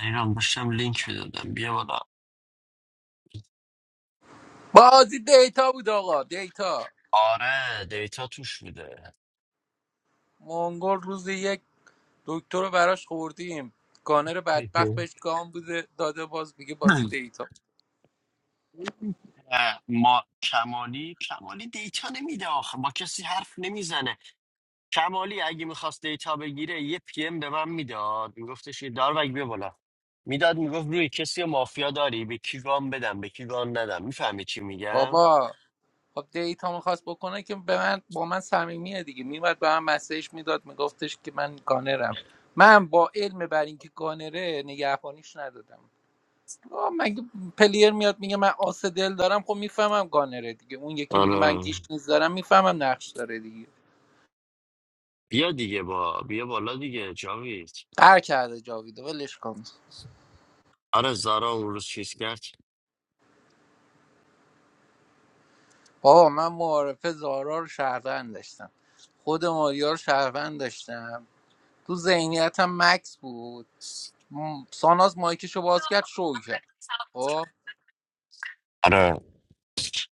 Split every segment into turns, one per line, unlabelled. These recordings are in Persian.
ایران داشتم لینک میدادم بیا بالا
بازی دیتا بود آقا دیتا
آره دیتا توش بوده
مونگول روز یک دکتر رو براش خوردیم گانر بدبخت بهش گام بوده داده باز میگه بازی دیتا
اه، ما کمالی کمالی دیتا نمیده آخه با کسی حرف نمیزنه کمالی اگه میخواست دیتا بگیره یه پی ام به من میداد میگفتش یه داروگ بیا بالا میداد میگفت روی کسی رو مافیا داری به کی گام بدم به کی گام ندم میفهمی چی میگم
بابا خب دیتا میخواست بکنه که به من با من صمیمیه دیگه میومد به من مسیج میداد میگفتش که من گانرم من با علم بر اینکه گانره نگهبانیش ندادم آه، مگه پلیر میاد میگه من آس دل دارم خب میفهمم گانره دیگه اون یکی میگه من
آره
گیش نیز دارم میفهمم نقش داره دیگه
بیا دیگه با بیا بالا دیگه جاوید
قهر کرده جاویدو ولش کن
آره زارا اون روز چیز کرد
آقا من معارفه زارا رو شهروند داشتم خود ماریا رو شهروند داشتم تو ذهنیتم مکس بود م، ساناز مایکشو باز کرد شو کرد خب
آره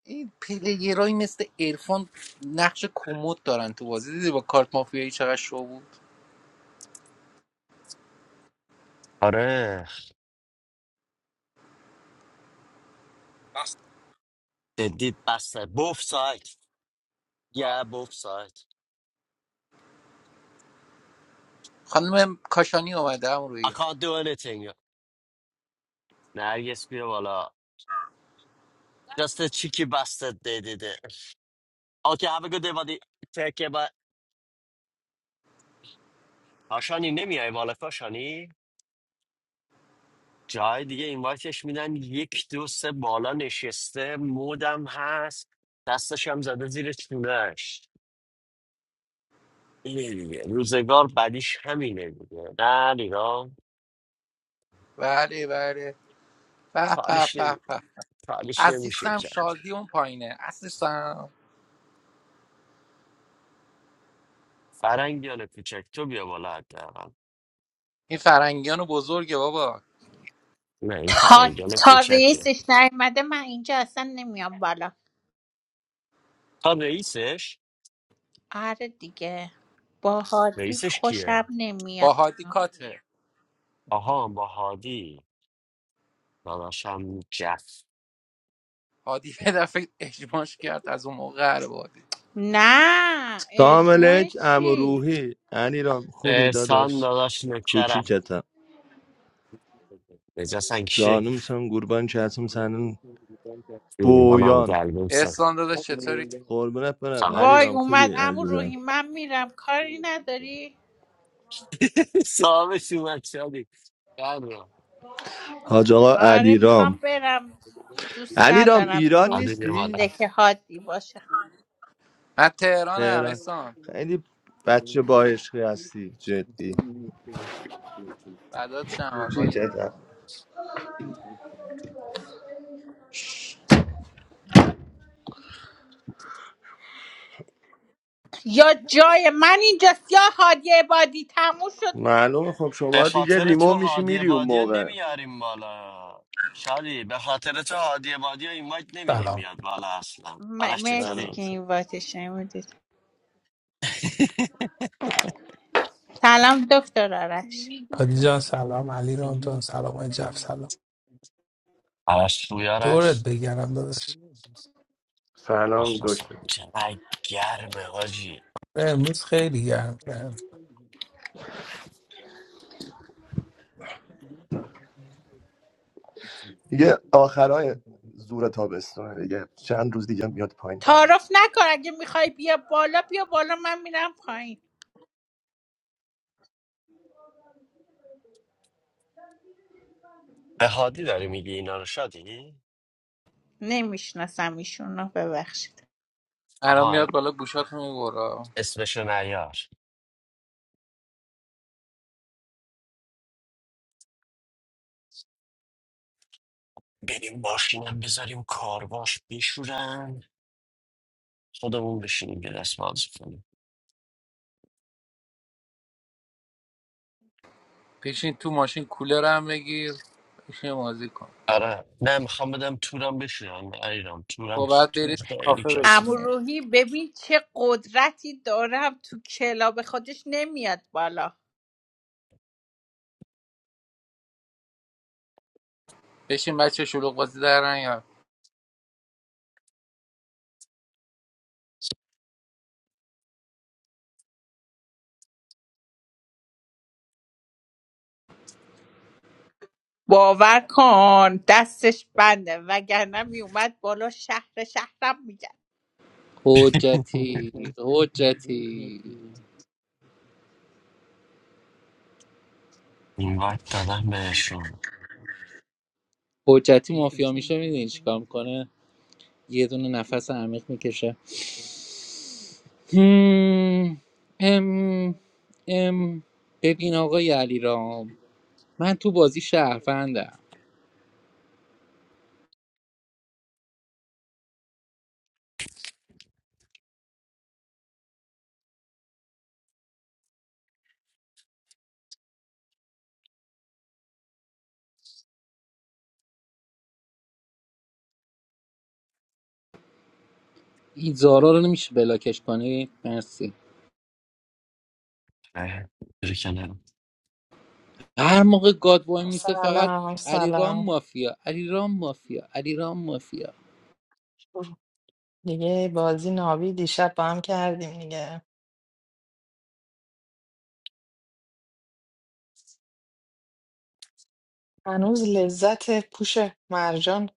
این پلیگرایی مثل ارفان نقش کموت دارن تو بازی دیدی با کارت مافیایی چقدر شو بود
آره Indeed, bastard. Both sides. Yeah, both sides.
خانم کاشانی اومده هم
I
روی
can't do anything. Nergis bir wala. Just a cheeky bastard, they did it. Okay, have a good day, buddy. Take care, bye. هاشانی نمیای بالا کاشانی جای دیگه اینوایتش میدن یک دو سه بالا نشسته مودم هست دستش هم زده زیر چونش اینه دیگه روزگار بعدیش همینه دیگه نه نگاه
بله بله به به
کارش
به
نمی...
به
کارش نمیشه
عزیزم
کرد
شادی اون پایینه عزیزم
فرنگ بیانه کوچک تو بیا بالا حداقل
این فرنگیان بزرگه بابا
نه این
تا,
فرنگیان
تا
کوچکه
رئیسش نیومده من اینجا اصلا نمیام بالا
تا رئیسش
آره دیگه با حاجی
رئیسش کیه
خوشم نمیاد
با هادی کاته.
آها با هادی داداشم جف
هادی یه دفعه اجماش کرد از اون موقع قهر بادی
نه
سلام
اجماع
علیک عمو
چی
روحی انیرام خوبی
احسان
داداش
داداش نکرم
کوچیکتم
نجسن کیه
جانمسم قربان چتم سنن
منم
بویان
گلبه
احسان داداش چطوری
قربونت برم
خبر
وای
علیرام
اومد
خوبی
امو روحی
عزیزم
من میرم کاری نداری
صاحبش اومد شادی بله
حاج آقا
آره میخوام
علیرام
برم دوست
علیرام
ندارم
ایران
تو
عادی بیا
نیستی
بالا
دکه هادی باشه
من تهرانم
تهران
احسان
خیلی بچه با عشقی هستی جدی
بعدات شم آقایی
کوچیکتم
شش.
یا جای من اینجاست یا هادی عبادی تموم شد
معلومه خب
به
شما دیگه
خاطر تو
ریمو میشی
هادی
میری اون
بادی
موقع
نمیاریم بالا شادی به خاطر تو هادی بادی رو اینوایت نمیدیم
Salam,
بیاد بالا اصلا
م-
آرش
مرسی
سلام
چطوری؟
که این
سلام
واتش نمیدید سلام دکتر آرش
Hajjaj Salam, Ali Ramton Salam, Jaaf Salam.
آرش خوبی
Two had
آرش؟
beegaramdas.
سلام
مخلصم
دکتر
چقدر گرمه حاجی
Murskhairiyan.
دیگه آخرای زور تابستونه دیگه چند روز دیگه میاد پایین دما
تعارف نکن اگه میخوای بیا بالا بیا بالا من میرم پایین
به هادی داری میگی اینا رو شادی؟
نمیشناسم ایشونو ببخشید
الان
آها
میاد بالا گوشات میبورا
اسمشو نیار بریم ماشینم بذاریم کارواش بشورن خودمون بشینیم یه دست بازی کنیم
پیشین تو ماشین کولر هم بگیر پیشین بازی کن
آره نه میخوام بدم تورم بشورن ایران تورم
خب بعد
تور
برید
خیلی
کافه
عمو
کسیف
بشینی
روحی ببین چه قدرتی دارم تو کلاب خودش نمیاد بالا
بشین بچه شلوغ بازی در یا
باور کن دستش بنده وگرنه میومد بالا شهر شهرم میگن
حجتی حجتی
این وقت دادم بهشون
حجتی مافیا میشه میدونی چیکار میکنه یه دونه نفس عمیق میکشه هم، ام ام ببین آقای علیرام من تو بازی شهروندم این زارا رو نمیشه بلاکش کنی مرسی
اه، بری کنار.
هر موقع گاد وای میسته فقط
سلام
علیرام
سلام
مافیا علیرام مافیا علیرام مافیا
دیگه بازی نابی دیشب با هم کردیم دیگه هنوز لذت پوش مرجان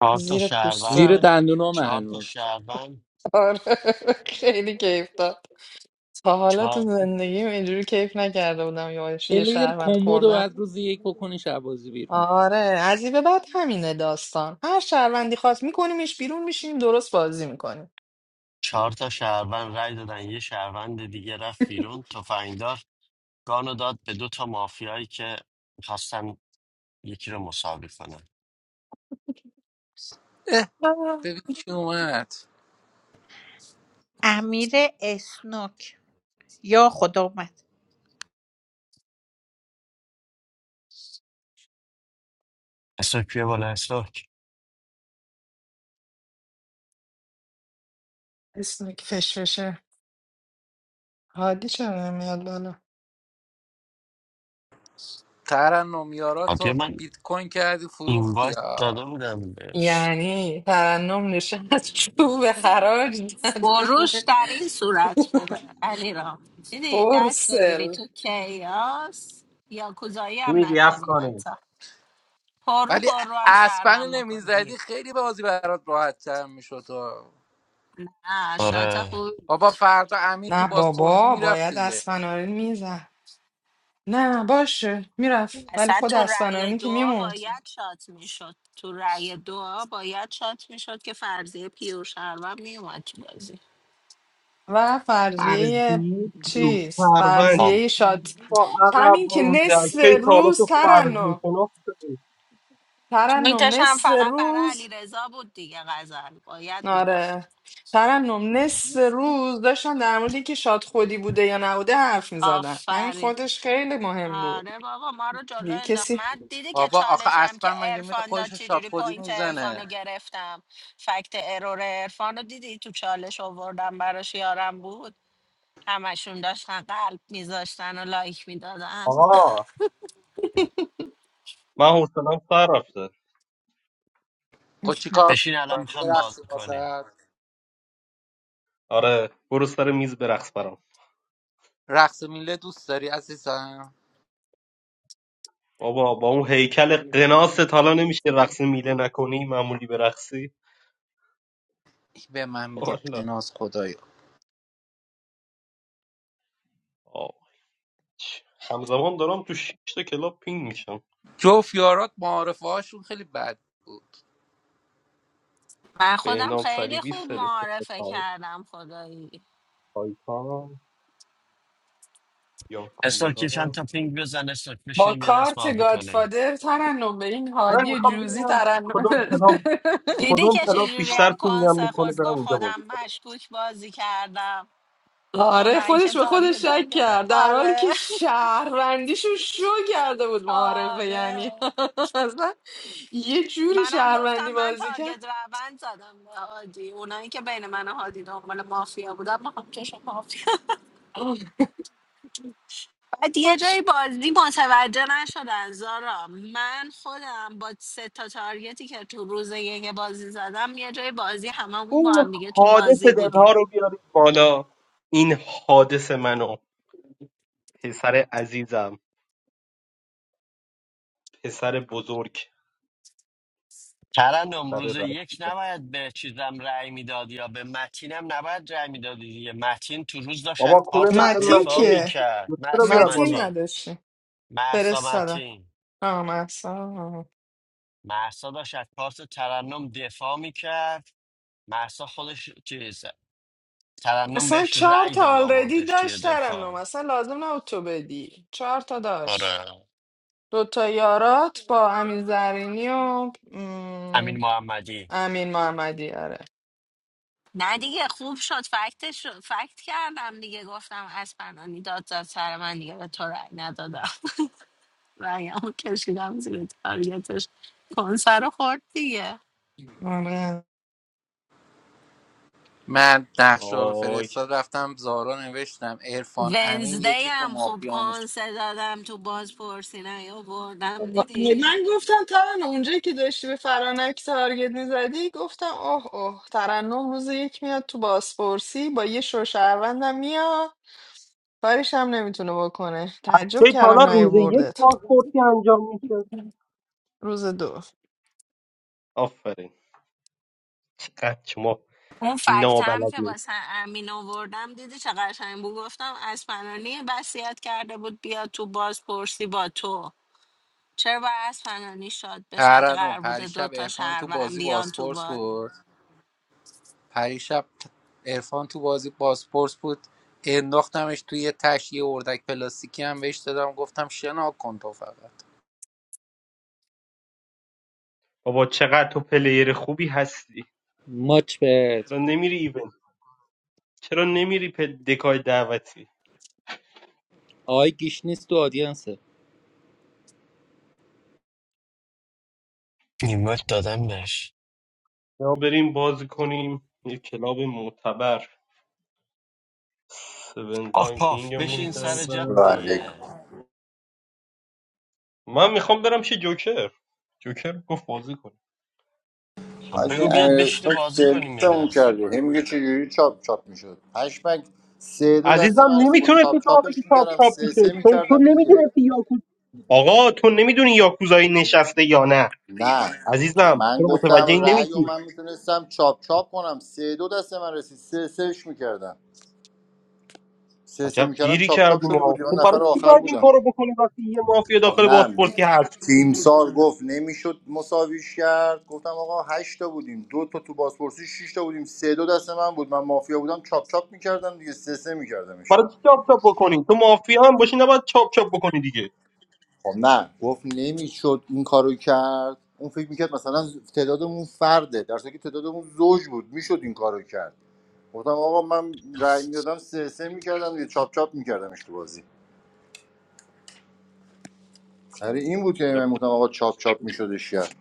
چهار تا
زیر
زیر
شهروند
پوستم
دندونام
چهار تا
هنوز
شهروند
آره خیلی کیف داد تا حالا تو
چهار
زندگیم اینجوری کیف نکرده بودم یا یه
پلیر
شهروند
کمود و
خوردم
بعد روز یک بکنش بازی بیرون
آره از این به بعد همینه داستان هر شهروندی خواست میکنیمش بیرون میشیم درست بازی میکنیم
چهار تا شهروند رای دادن یه شهروند دیگه رفت بیرون گانو داد به دو تا مافیایی که میخواستن یکی رو مساوی کنن
اه ببین کی اومد
امیر اسنوک یا خدا اومد
اسلوک بیا بالا اسلوک
اسم فش فشه هادی چرا نمیاد بالا
ترنم یارا
آدیا
تو
من
بیت کوین کردی فروختی
اینوایت داده بودم بهش
یعنی ترنم نشست چوب حراج
بروش
نداره
در این صورت خوبه علی رام دیدی دست بگیری
برسل
تو کیاس یا کوزایی
چی
هم
میگی
نکنی
افغانی
حتی پرو
ولی
پرو هم
اسپن رو
شرمم بکنی
نمیزدی
بیرون
خیلی بازی برات راحت تر میشد
نه شات
آره
خوبی
بابا
بود
فردا امین تو
نه
شات-
بازپرسی
بابا
میرفت
باید
دیگه
اسفناری میزد نه باشه میرفت ولی
اصلا
خود
تو رأی
اسفنانی که
دعا
میموند
باید شات میشد تو رأی دعا باید شات میشد که فرضیه پیور شرمم میومد تو بازی
و
فرضی
فرضیه چیز
پیروزفروند
آم.
فرضیه شاد
با عقب
همین که
مونده
نصف
کی تا حالا
روز
تو فرضی
ترنم
شناس شدی
ترنم
میتش هم
نصف
فقط برای
روز
علی رضا بود دیگه غزل باید میرفت
آره ترنم نصف روز داشتن در مورد اینکه شاد خودی بوده یا نبوده حرف میزدن همین
آفرین
خودش خیلی مهم بود
آره بابا ما رو جلو
دیگه
انداخت
کسی
من دیدی که
بابا آخه
چالشی هم که
اسپن مگه میره
ارفان داد
خودش رو شاد
چجوری
خودی
پوینت ارفان رو
میزنه
گرفتم فکت ارور ارفان رو دیدی تو چالش آوردم براش یارم بود همشون داشتن قلب میذاشتن و لایک میدادن
آقا من حوصلم سر رفته
خب چیکار
بشین
کنه؟
الان
یه
هم باز
رقص
کنیم
واسه
آره برو سر میز برقص برام
رقص میله دوست داری عزیزم
بابا با اون هیکل قناست حالا نمیشه رقص میله نکنی معمولی برقصی
این به من میگه
والا
قناز خدایا
آه. چی. همزمان دارم تو شش تا کلاب پینگ میشم
جوف یارات معارفه هاشون خیلی بد بود
من خودم
بهنام
خیلی
صلیبی
خوب
سلسله
معارفه کردم خدایی
تایتان
اسلوک
یاکوزا
یه چند تا پینگ بزن اسلوک
با
بشین یه دست باز
کارت
کنیم
گادفادر ترنم به این
من
هادی
میخوام
جوزی
ببینم
ترنم
کدوم کلاب
دیدی
کدوم
که
کلاب
چجوری
بیشتر
هم
پینگم
کنسه
میکنه
خود
برم
گفت
اونجا
خودم
بازی کنم
مشکوک بازی کردم
آره
اونایی که
خودش به خودش شک
تارگتم گرفت
کرد در حالی
آره
که شهروندیشو شو کرده بود معارفه یعنی
آره
اصلا یه جوری
منم
شهروندی
گفتم من
بازی کرد
تارگت روند زدم به هادی اونایی که بین من و هادی دنبال مافیا بودم ما هم کشم مافیا بعد یه جای بازی متوجه نشدن زارا من خودم با سه تا تارگتی که تو روز یک بازی زدم یه جای بازی هممون با
این
هم دیگه تو
حادث
بازی
دلها
بودیم
رو بیارید بالا این حادث منو پسر عزیزم پسر بزرگ
ترنم
پسر
روز یک
رسیدم
نباید به چیزم رأی میداد یا به متینم نباید رأی میدادی دیگه متین تو روز داشت از
بابا کونه
کارت
لق
متین
دفاع
متین
کیه؟
میکرد
دوسته رو
محسا
بیار
متین
بالا
متین
نداشته
محسا
فرستادم
متین
آه مثلا
محسا داشت از پاس ترنم دفاع میکرد محسا خودش چیز ترنم
اصلا
بهش
چهار
رأی
تا
داد
آلردی
آوردش توی
داشت ترنم
دفاع
اصلا لازم نبود تو بدی چهار تا داشت
آره
دوتا یارات با امین زرینی و
امین
م،
محمدی
امین محمدی آره
نه دیگه خوب شد فکتش رو- فکت کردم دیگه گفتم از پنانی داد زد سر من دیگه به تو رأی ندادم رأیمو کشیدم زیر تارگتش کنسر رو خورد دیگه
آره.
من نقشه رو
آی
فرستاد رفتم زارا نوشتم عرفان امین
ونزدی
یکیشون
هم خوب
مافیا میشه
کنسه دادم تو بازپرسی نیاوردم دیدی
من گفتم ترنم اونجایی که داشتی به فرانک تارگت میزدی گفتم اوه اوه ترنم روز یک میاد تو بازپرسی با یه شوشهروندم میاد کارش هم نمیتونه بکنه
چه
تعجب
حالا
کردم
روز یک
نیاوردت
پاسپورتی انجام میشه
روز دو
آفرین چقدر شما
اون فکت هم که
نابلدی
واسه امین آوردم دیدی چه قشنگ بود گفتم اسپنانی وصیت کرده بود بیا تو بازپرسی با تو چرا باید اسپنانی شاد بشه اگه
ترنم
قرار بوده
پریشب
دوتا
عرفان تو
شهروند
بازی
بیان تو
باسپورس
باز
بود پریشب عرفان تو بازی باسپورس بود انداختمش توی یه تش یه اردک پلاستیکی هم بهش دادم گفتم شنا کن تو فقط
بابا چقدر تو پلیر خوبی هستی
ماچ به
چرا نمیری ایونت چرا نمیری پل دکای دعوتی
آقای گیشنیس تو آدینسه
نیمت دادم بهش
یا بریم بازی کنیم یه کلاب معتبر سون
آخ
لاین
پاف
پینگمون
بشین سر جد
الله
کردن
علیکم
دیگه
من میخوام برم چه جوکر جوکر گفت بازی کنیم
خب
حاجی
بگو بیاد
امیر
بشینه
اسمک
بازی کنیم یه
سرویسمون
دست
کرده هم میگه چجوری چاپ چاپ میشد پشمک سه دو دست
عزیزم
من رسید. خب چاپ
نمیتونستی تو
چاپش
بگی چاپ
میکردم
چاپ
سه سه
میشه چون تو
میکردم دیگه
نمیدونستی یاکوز آقا تو نمیدونی یاکوزایی نشسته یا نه
نه تو
عزیزم
من
چرا متوجه
گفتم
این
رأی و
نمیشی
من میتونستم چاپ چاپ کنم سه دو دست من رسید سه سهش میکردم سه سه
عجب
میکردم
گیری
چاپ چاپ
کردیم
شده
ما.
بود یا
خب
نفر
برای چی
آخر
باید این
بودم
کارو بکنیم وقتی یه مافیا
خب
داخل
نه می-
بازپرسی هست
تیمسار گفت نمیشد مساویش کرد گفتم آقا هشت تا بودیم دو تا تو بازپرسی شش تا بودیم سه دو دست من بود من مافیا بودم چاپ چاپ میکردم دیگه سه سه میکردمش
برای چی چاپ چاپ بکنی تو مافیا هم باشی نباید چاپ چاپ بکنی دیگه
خب نه گفت نمیشد این کارو کرد اون فکر میکرد مثلا تعدادمون فرده در صورتی که تعدادمون زوج بود میشد این کارو کرد گفتم آقا من رای میدادم سه سه میکردم دیگه چاپ چاپ میکردمش تو بازی آره این بود که
چاپ
من
چاپ.
گفتم آقا چاپ چاپ میشدش کرد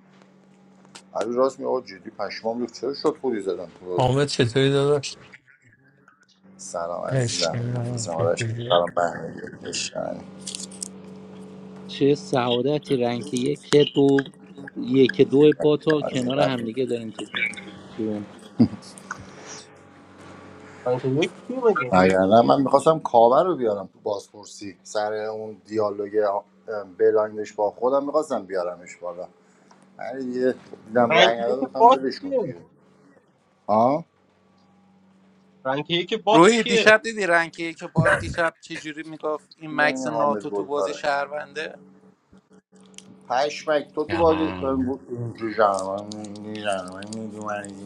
علی راست می آقا جدی پشمام ریخت چرا شد خوری زدم تو بازی
Muhammad Shitoydas.
سلام عزیزم مخلصم آرش سلام بهمنی عشقم.
چه سعادتی رنگ یک دو یک دو با تا کنار
عزیزم
همدیگه داریم تو روم
من که یکی مگه
نه من میخواستم کاور رو بیارم تو بازپرسی سر اون دیالوگ بلایندش با خودم میخواستم بیارمش بالا ولی دیگه دیدم
رنگ
رنگ
یک
نداد گفتم
بات
ولش کن
کیه
دیگه ها
رنگ یک بات
روحی
کیه
دیشب دیدی رنگی که باد دیشب چه جوری میگفت این
میگن
مکس
این حامد
ناتو تو
گل
بازی
کاره
شهرونده
پشمک تو تو بازی
آره.
اینجوری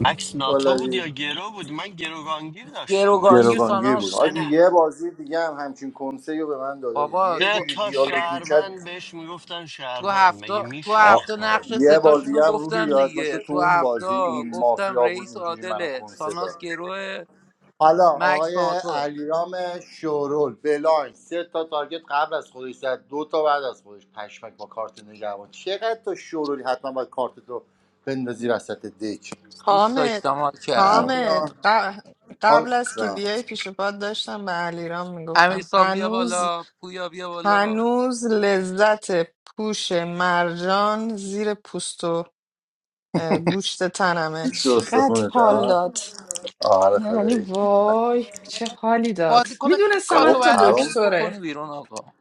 مکس ناتو بود
گلابی
یا گرو بود من گروگانگیر داشتم
گروگانگیر
مکسو
گروگانگیر
ساناز
بود
بود
سه
آجی
نه
یه بازی دیگه هم همچین کنسه رو به من داده بود
بابا
یه
تو
سه
جوری
تا
دیالوگ میکرد
شهروند بهش میگفتن
تو
شهروند مگه
هفته تو
آ-
هفته
میشاختم
نقش
یه بار
ستاشون رو
دیگه هم روحی
گفتم
یاد باشه
دیگه
تو
تو
اون
هفته
بازی این
گفتم
مافیا بود
رئیس
اینجوری منو
عادله
کنسه
ساناز
داد
گروه
حالا
مکس
آقای
ناتوه
علیرام شورول بلاین سه تا تارگت قبل از خودش زد دو تا بعد از خودش پشمک با کارت نگهبان چقدر تو شورولی حتما باید کارت رو بندازی وسط دک
دوست
حامد
داشتم حال
نه
کردم
حامد
والا.
ق-
حالا
قبل از که
جان.
بیای پیش پات داشتم به علیرام میگفتم
امیرسان بیا
هنوز
بالا پویا بیا بالا
هنوز لذت پوش مرجان زیر پوست و اه، گوشت تنمه
پیش رو
چقدر
استخونته،
حال
ها
داد
آره
یعنی
خدایی
وای چه حالی داد
بازیکن
میدونستم
کاتو
حتی
باید روز
بابا
یک بکنی
دکتره
بیرون آقا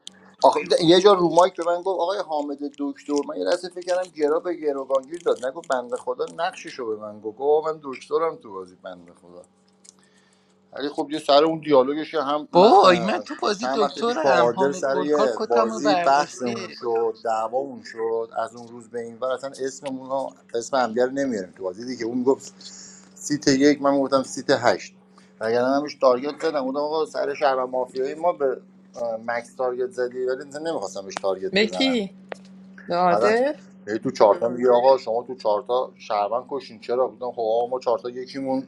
آخه یه جا رو مایک به من گفت آقای حامد دکتر من یه لحظه فکر کردم گرا به گروگانگیر داد نگو بنده خدا نقششو به من گفت گفت آقا من دکترم تو بازی بنده خدا ولی خب یه سر اون دیالوگش که هم من
بای من
اه،
تو بازی
چند وقت پیش با
دکترم
آردل
حامد
سر یه
گلکار کتمو
بازی بحثمون
برداشته
شد دعوامون شد از اون روز به این ور اصلا اسممون رو اسم همگر نمیاریم تو بازی دیگه اون گفت سیت یک من گفتم سیت هشت وگرنه من همش تارگت زدم گفتم آقا سر شهر و مافیایی ما به اه، مکس تارگت زدی ولی نمیخواستم بهش تارگت
به
بزنم
کی؟ به
بعدا
عادل؟
یه تو چارتا میگه آقا شما تو چارتا شهروند کشین چرا بودم خب آقا ما چارتا یکیمون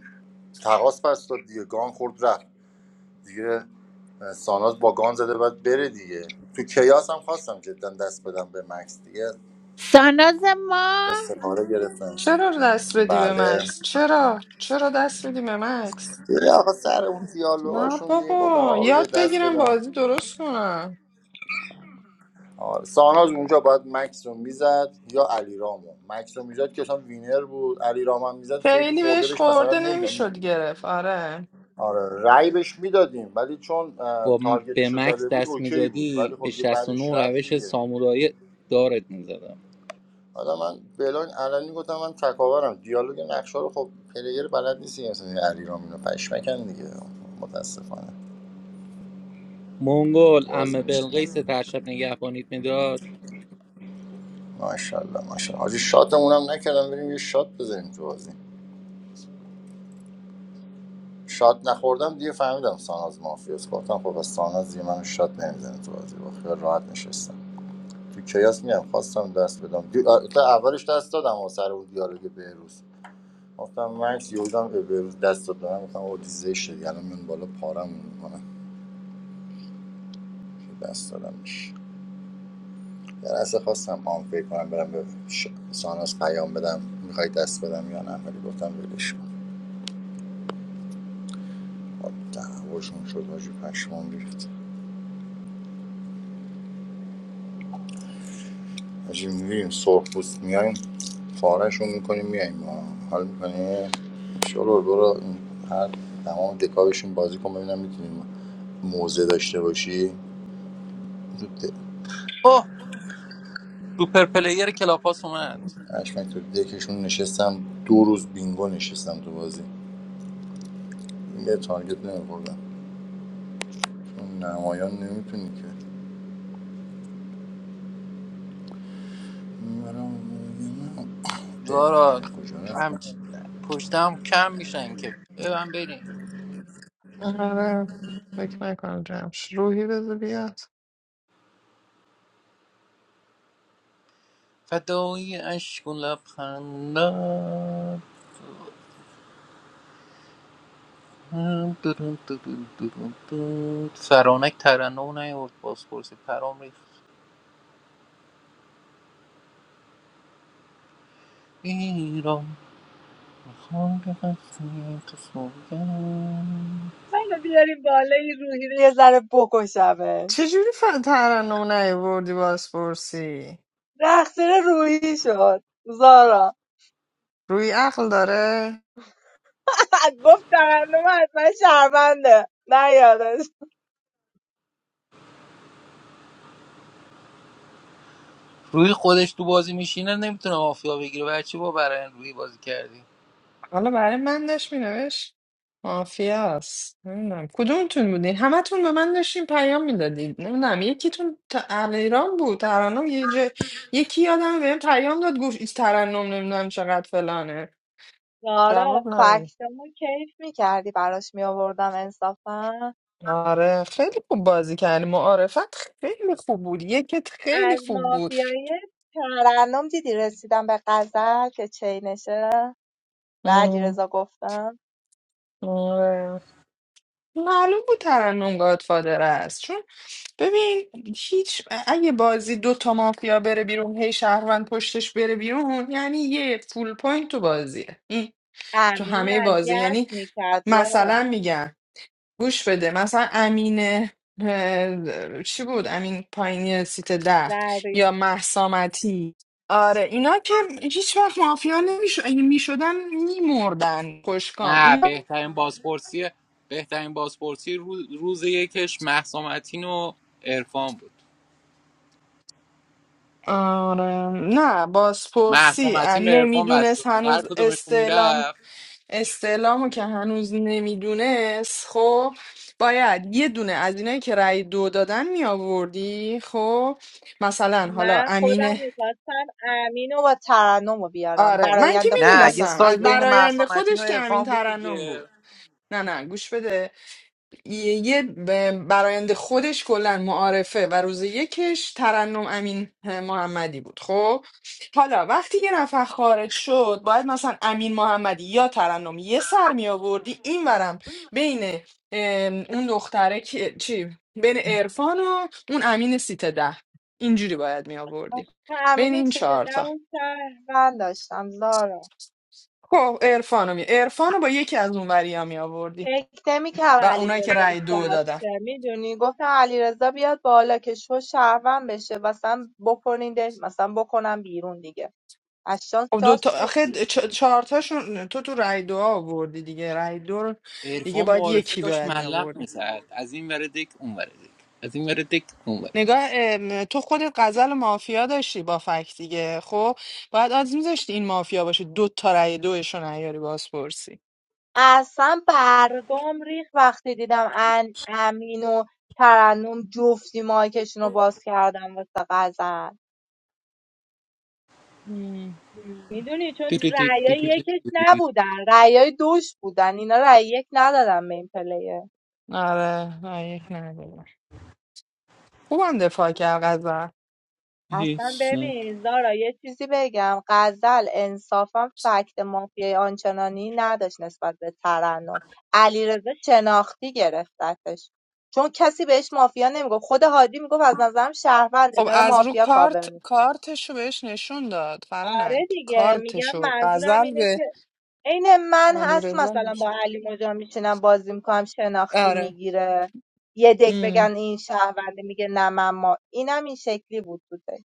تقاس پس داد دیگه گان خورد رفت دیگه ساناز با گان زده باید بره دیگه تو کیاس هم خواستم جدا دست بدم به مکس دیگه
ساناز ما
استفاده گرفتم
چرا دست بدی به
بله
مکس؟ چرا؟ چرا دست بدی به مکس؟
دیگه آقا سر اون
نه
دیالوگاشون دیگه گفتم
بابا
آقا بذار
یاد
دست
بگیرم
بدم
بازی درست کنم
آره. ساناز اونجا باید مکس رو میزد یا علی مکس رو میزد که اصلا وینر بود علی هم میزد خیلی
خیلی
خورده
بهش
بهش مثلا
خورده نمیشد
نمیدونم
گرفت آره
آره رای بهش میدادیم ولی چون اه،
با م- به
تارگتش رو
مکس
زده بود
دست
اوکی بود
میدادی
ولی
به
خب دیگه بعدش
69
رفت
روش
دیگه
سامورایی دارت میزدم
حالا من بلان الان گفتم من تکاورم دیالوگ نقشه رو خب پلیر بلد نیستی مثلا علی رام اینو پشمکن دیگه متاسفانه
منگل
تو بازی
عمه
میشینه
بلقیس ترشب نگهبانیت میداد
ماشاءالله ماشاءالله حاجی شاتمون هم نکردم بریم یه شات بزنیم تو بازی شات نخوردم دیگه فهمیدم ساناز مافیاس گفتم خب از ساناز دیگه منو شات نمیزنه تو بازی با خیال راحت نشستم تو کیاس میام خواستم دست بدم دی... تا اولش دست دادم و سر اون دیالوگ بهروز گفتم مکس یودم به بهروز دست دادم گفتم او دیزه شدی الان من بالا پارم میکنه دست دادمش یه لحظه خواستم آنفیل کنم برم به ش... ساناس پیام بدم میخوای دست بدم یا نه ولی گفتم ولش کن خب، دعواشون شد حاجی پشمان ریخت حاجی میریم سرخ پوست میایم فارشون میکنیم میایم حال میکنیم. شلو برو هر تمام دکا بازی کن ببینم میتونیم موزه داشته باشی تو د-
اوه سوپر پلیر کلاپاس اومد
پشمک تو دکشون نشستم دو روز بینگو نشستم تو بازی یه تارگت نمیخوردم نمایان نمیتونی که میبرم اه
زارا
اینا کجا
هم
رفتم
پشتم کم میشن که ببن بریم
آره فکر نکنم جمش روحی بذار بیاد
فدای اشکون لبخندم فرانک ترنم نیورد بازپرسی پرام ریخت ایران خاک قدسی قسمتم.
منو بیاریم بالا این روحی رو یه ذره بکشمش
چجوری ف- ترنم نیوردی بازپرسی
رقصیر روحی شد زارا
روی عقل داره
گفت ترنم حتما شرمنده نه یادش
روی خودش تو بازی میشینه نمیتونه مافیا بگیره برای چی با برای روی بازی کردی
حالا برای من داشت مینوشت مافیاست نمیدونم کدومتون بودین همتون به من داشتین پیام میدادید نمیدونم یکیتون ت- ایران بود ترنم یه جا... یکی یادم بهم پیام داد گفت این ترنم نمیدونم چقدر فلانه
زارا
جواب ندادم
فکتمو کیف میکردی براش میآوردم انصافا
آره خیلی خوب بازی کردی معارفت خیلی خوب بود یکت خیلی
از
خوب بود
مافیای ترنم دیدی رسیدم به غزل که چینشه به
ام،
علیرضا گفتم
آره. معلوم بود ترنم گادفادر است چون ببین هیچ اگه بازی دو تا مافیا بره بیرون هی شهروند پشتش بره بیرون یعنی یه فول پوینت تو بازیه این تو
امین
همه بازی
اذیت
یعنی
میکرد زارا
مثلا میگم گوش بده مثلا امین اه، چی بود امین پایینی سیت ده یا محسامتی آره اینا که هیچ وقت مافیا نمیشو اگه میشدن میمردن خوشکام
نه
اینا
بهترین بازپرسی بهترین بازپرسی روز, روز یکش مهسا متین و عرفان بود
آره نه
مهسا
بازپرسی
متین به عرفان بسته
نمیدونست
بود هر
هنوز
کدومشون
استعلام
میرفت
استعلامو که هنوز نمیدونست خب باید یه دونه از اینایی که رأی دو دادن می آوردی خب مثلا حالا
من
امین
خودم میخواستم امین رو با ترنم رو بیارم
آره من که
برایند خودم
نه یه
این
میدونستم
بود
سایت
از
بین
یعنی
براینده
مهسا متین و
خودش که امین
عرفان بود
ترنم
دیگه
بود نه نه گوش بده یه یه ب- براینده خودش کلا معارفه و روز یکش ترنم امین محمدی بود خب حالا وقتی یه نفر خارج شد باید مثلا امین محمدی یا ترنم یه سر می آوردی این ورم بین ام، اون دختره که چی بین عرفان و اون امین سیت ده اینجوری باید می آوردی
آخه
بین
امین
این
سیت
چهار تا
دو شهروند داشتم زارا
خب عرفانو می عرفانو با یکی از اون وریا می آوردی
فکر نمیکردم
و
علی
اونایی که
رضا
رأی دو دادن
ساعته، میدونی گفتم علی رضا بیاد بالا که شو شهروند بشه مثلا بکنیدش مثلا بکنم بیرون دیگه از شانس
خب دو
شاد
تا
شد
آخه
بیرون
چ- چهار تاشون تو تو رأی دو آوردی دیگه رأی دو رو دیگه
عرفان
باید
معارفه
یکی
داشت
باید می
ملق
آوردی
میزد از این ور دک اون ور دک از این ور دک اون ور
نگاه ام، تو خود غزل مافیا داشتی با فکت دیگه خب باید آز میذاشتی این مافیا باشه دو تا رأی دوش رو نیاری بازپرسی
اصلا برگام ریخت وقتی دیدم ان امین و ترنم جفتی مایکشون رو باز کردم واسه غزل
مم.
میدونی چون رأیای یکش نبودن رأیای دوش بودن اینا رأی یک ندادن به این پلیر
آره نه یک نداره خوبم دفاع کرد غزل
اصلا
دک
ببین زارا یه چیزی بگم غزل انصافا فکت مافیای آنچنانی نداشت نسبت به ترنم علیرضا شناختی گرفتتش چون کسی بهش مافیا نمیگفت خود هادی میگفت از نظرم شهرونده
خب
داره
از رو
مافیا
کارت
کاور میکنه
کارتشو بهش نشون داد
آره
فرانک
دیگه میگم
کارتشو
منظورم
غزل
اینه که
به
عین من
علی
هست
رضا
مثلا با
نشون
علی مجا میشینم بازی میکنم شناختی
آره
میگیره یه دک
ام.
بگن این شهرونده میگه نه من ما اینم این شکلی بود تو دک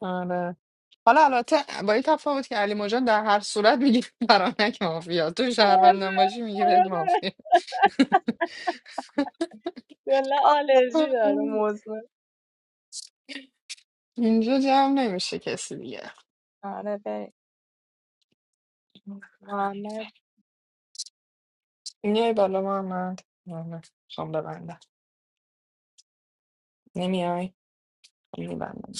آره حالا البته با این تفاوت که علی مجان در هر صورت میگه فرانک مافیا تو
آره
شهروندم باشی میگه بهت
آره
مافیا
کلا آلرژی داره
آم.
موضوع
اینجا جمع نمیشه کسی دیگه
آره بریم محمد
میای بالا محمد محمد شام ببندم نمیای خب میبندم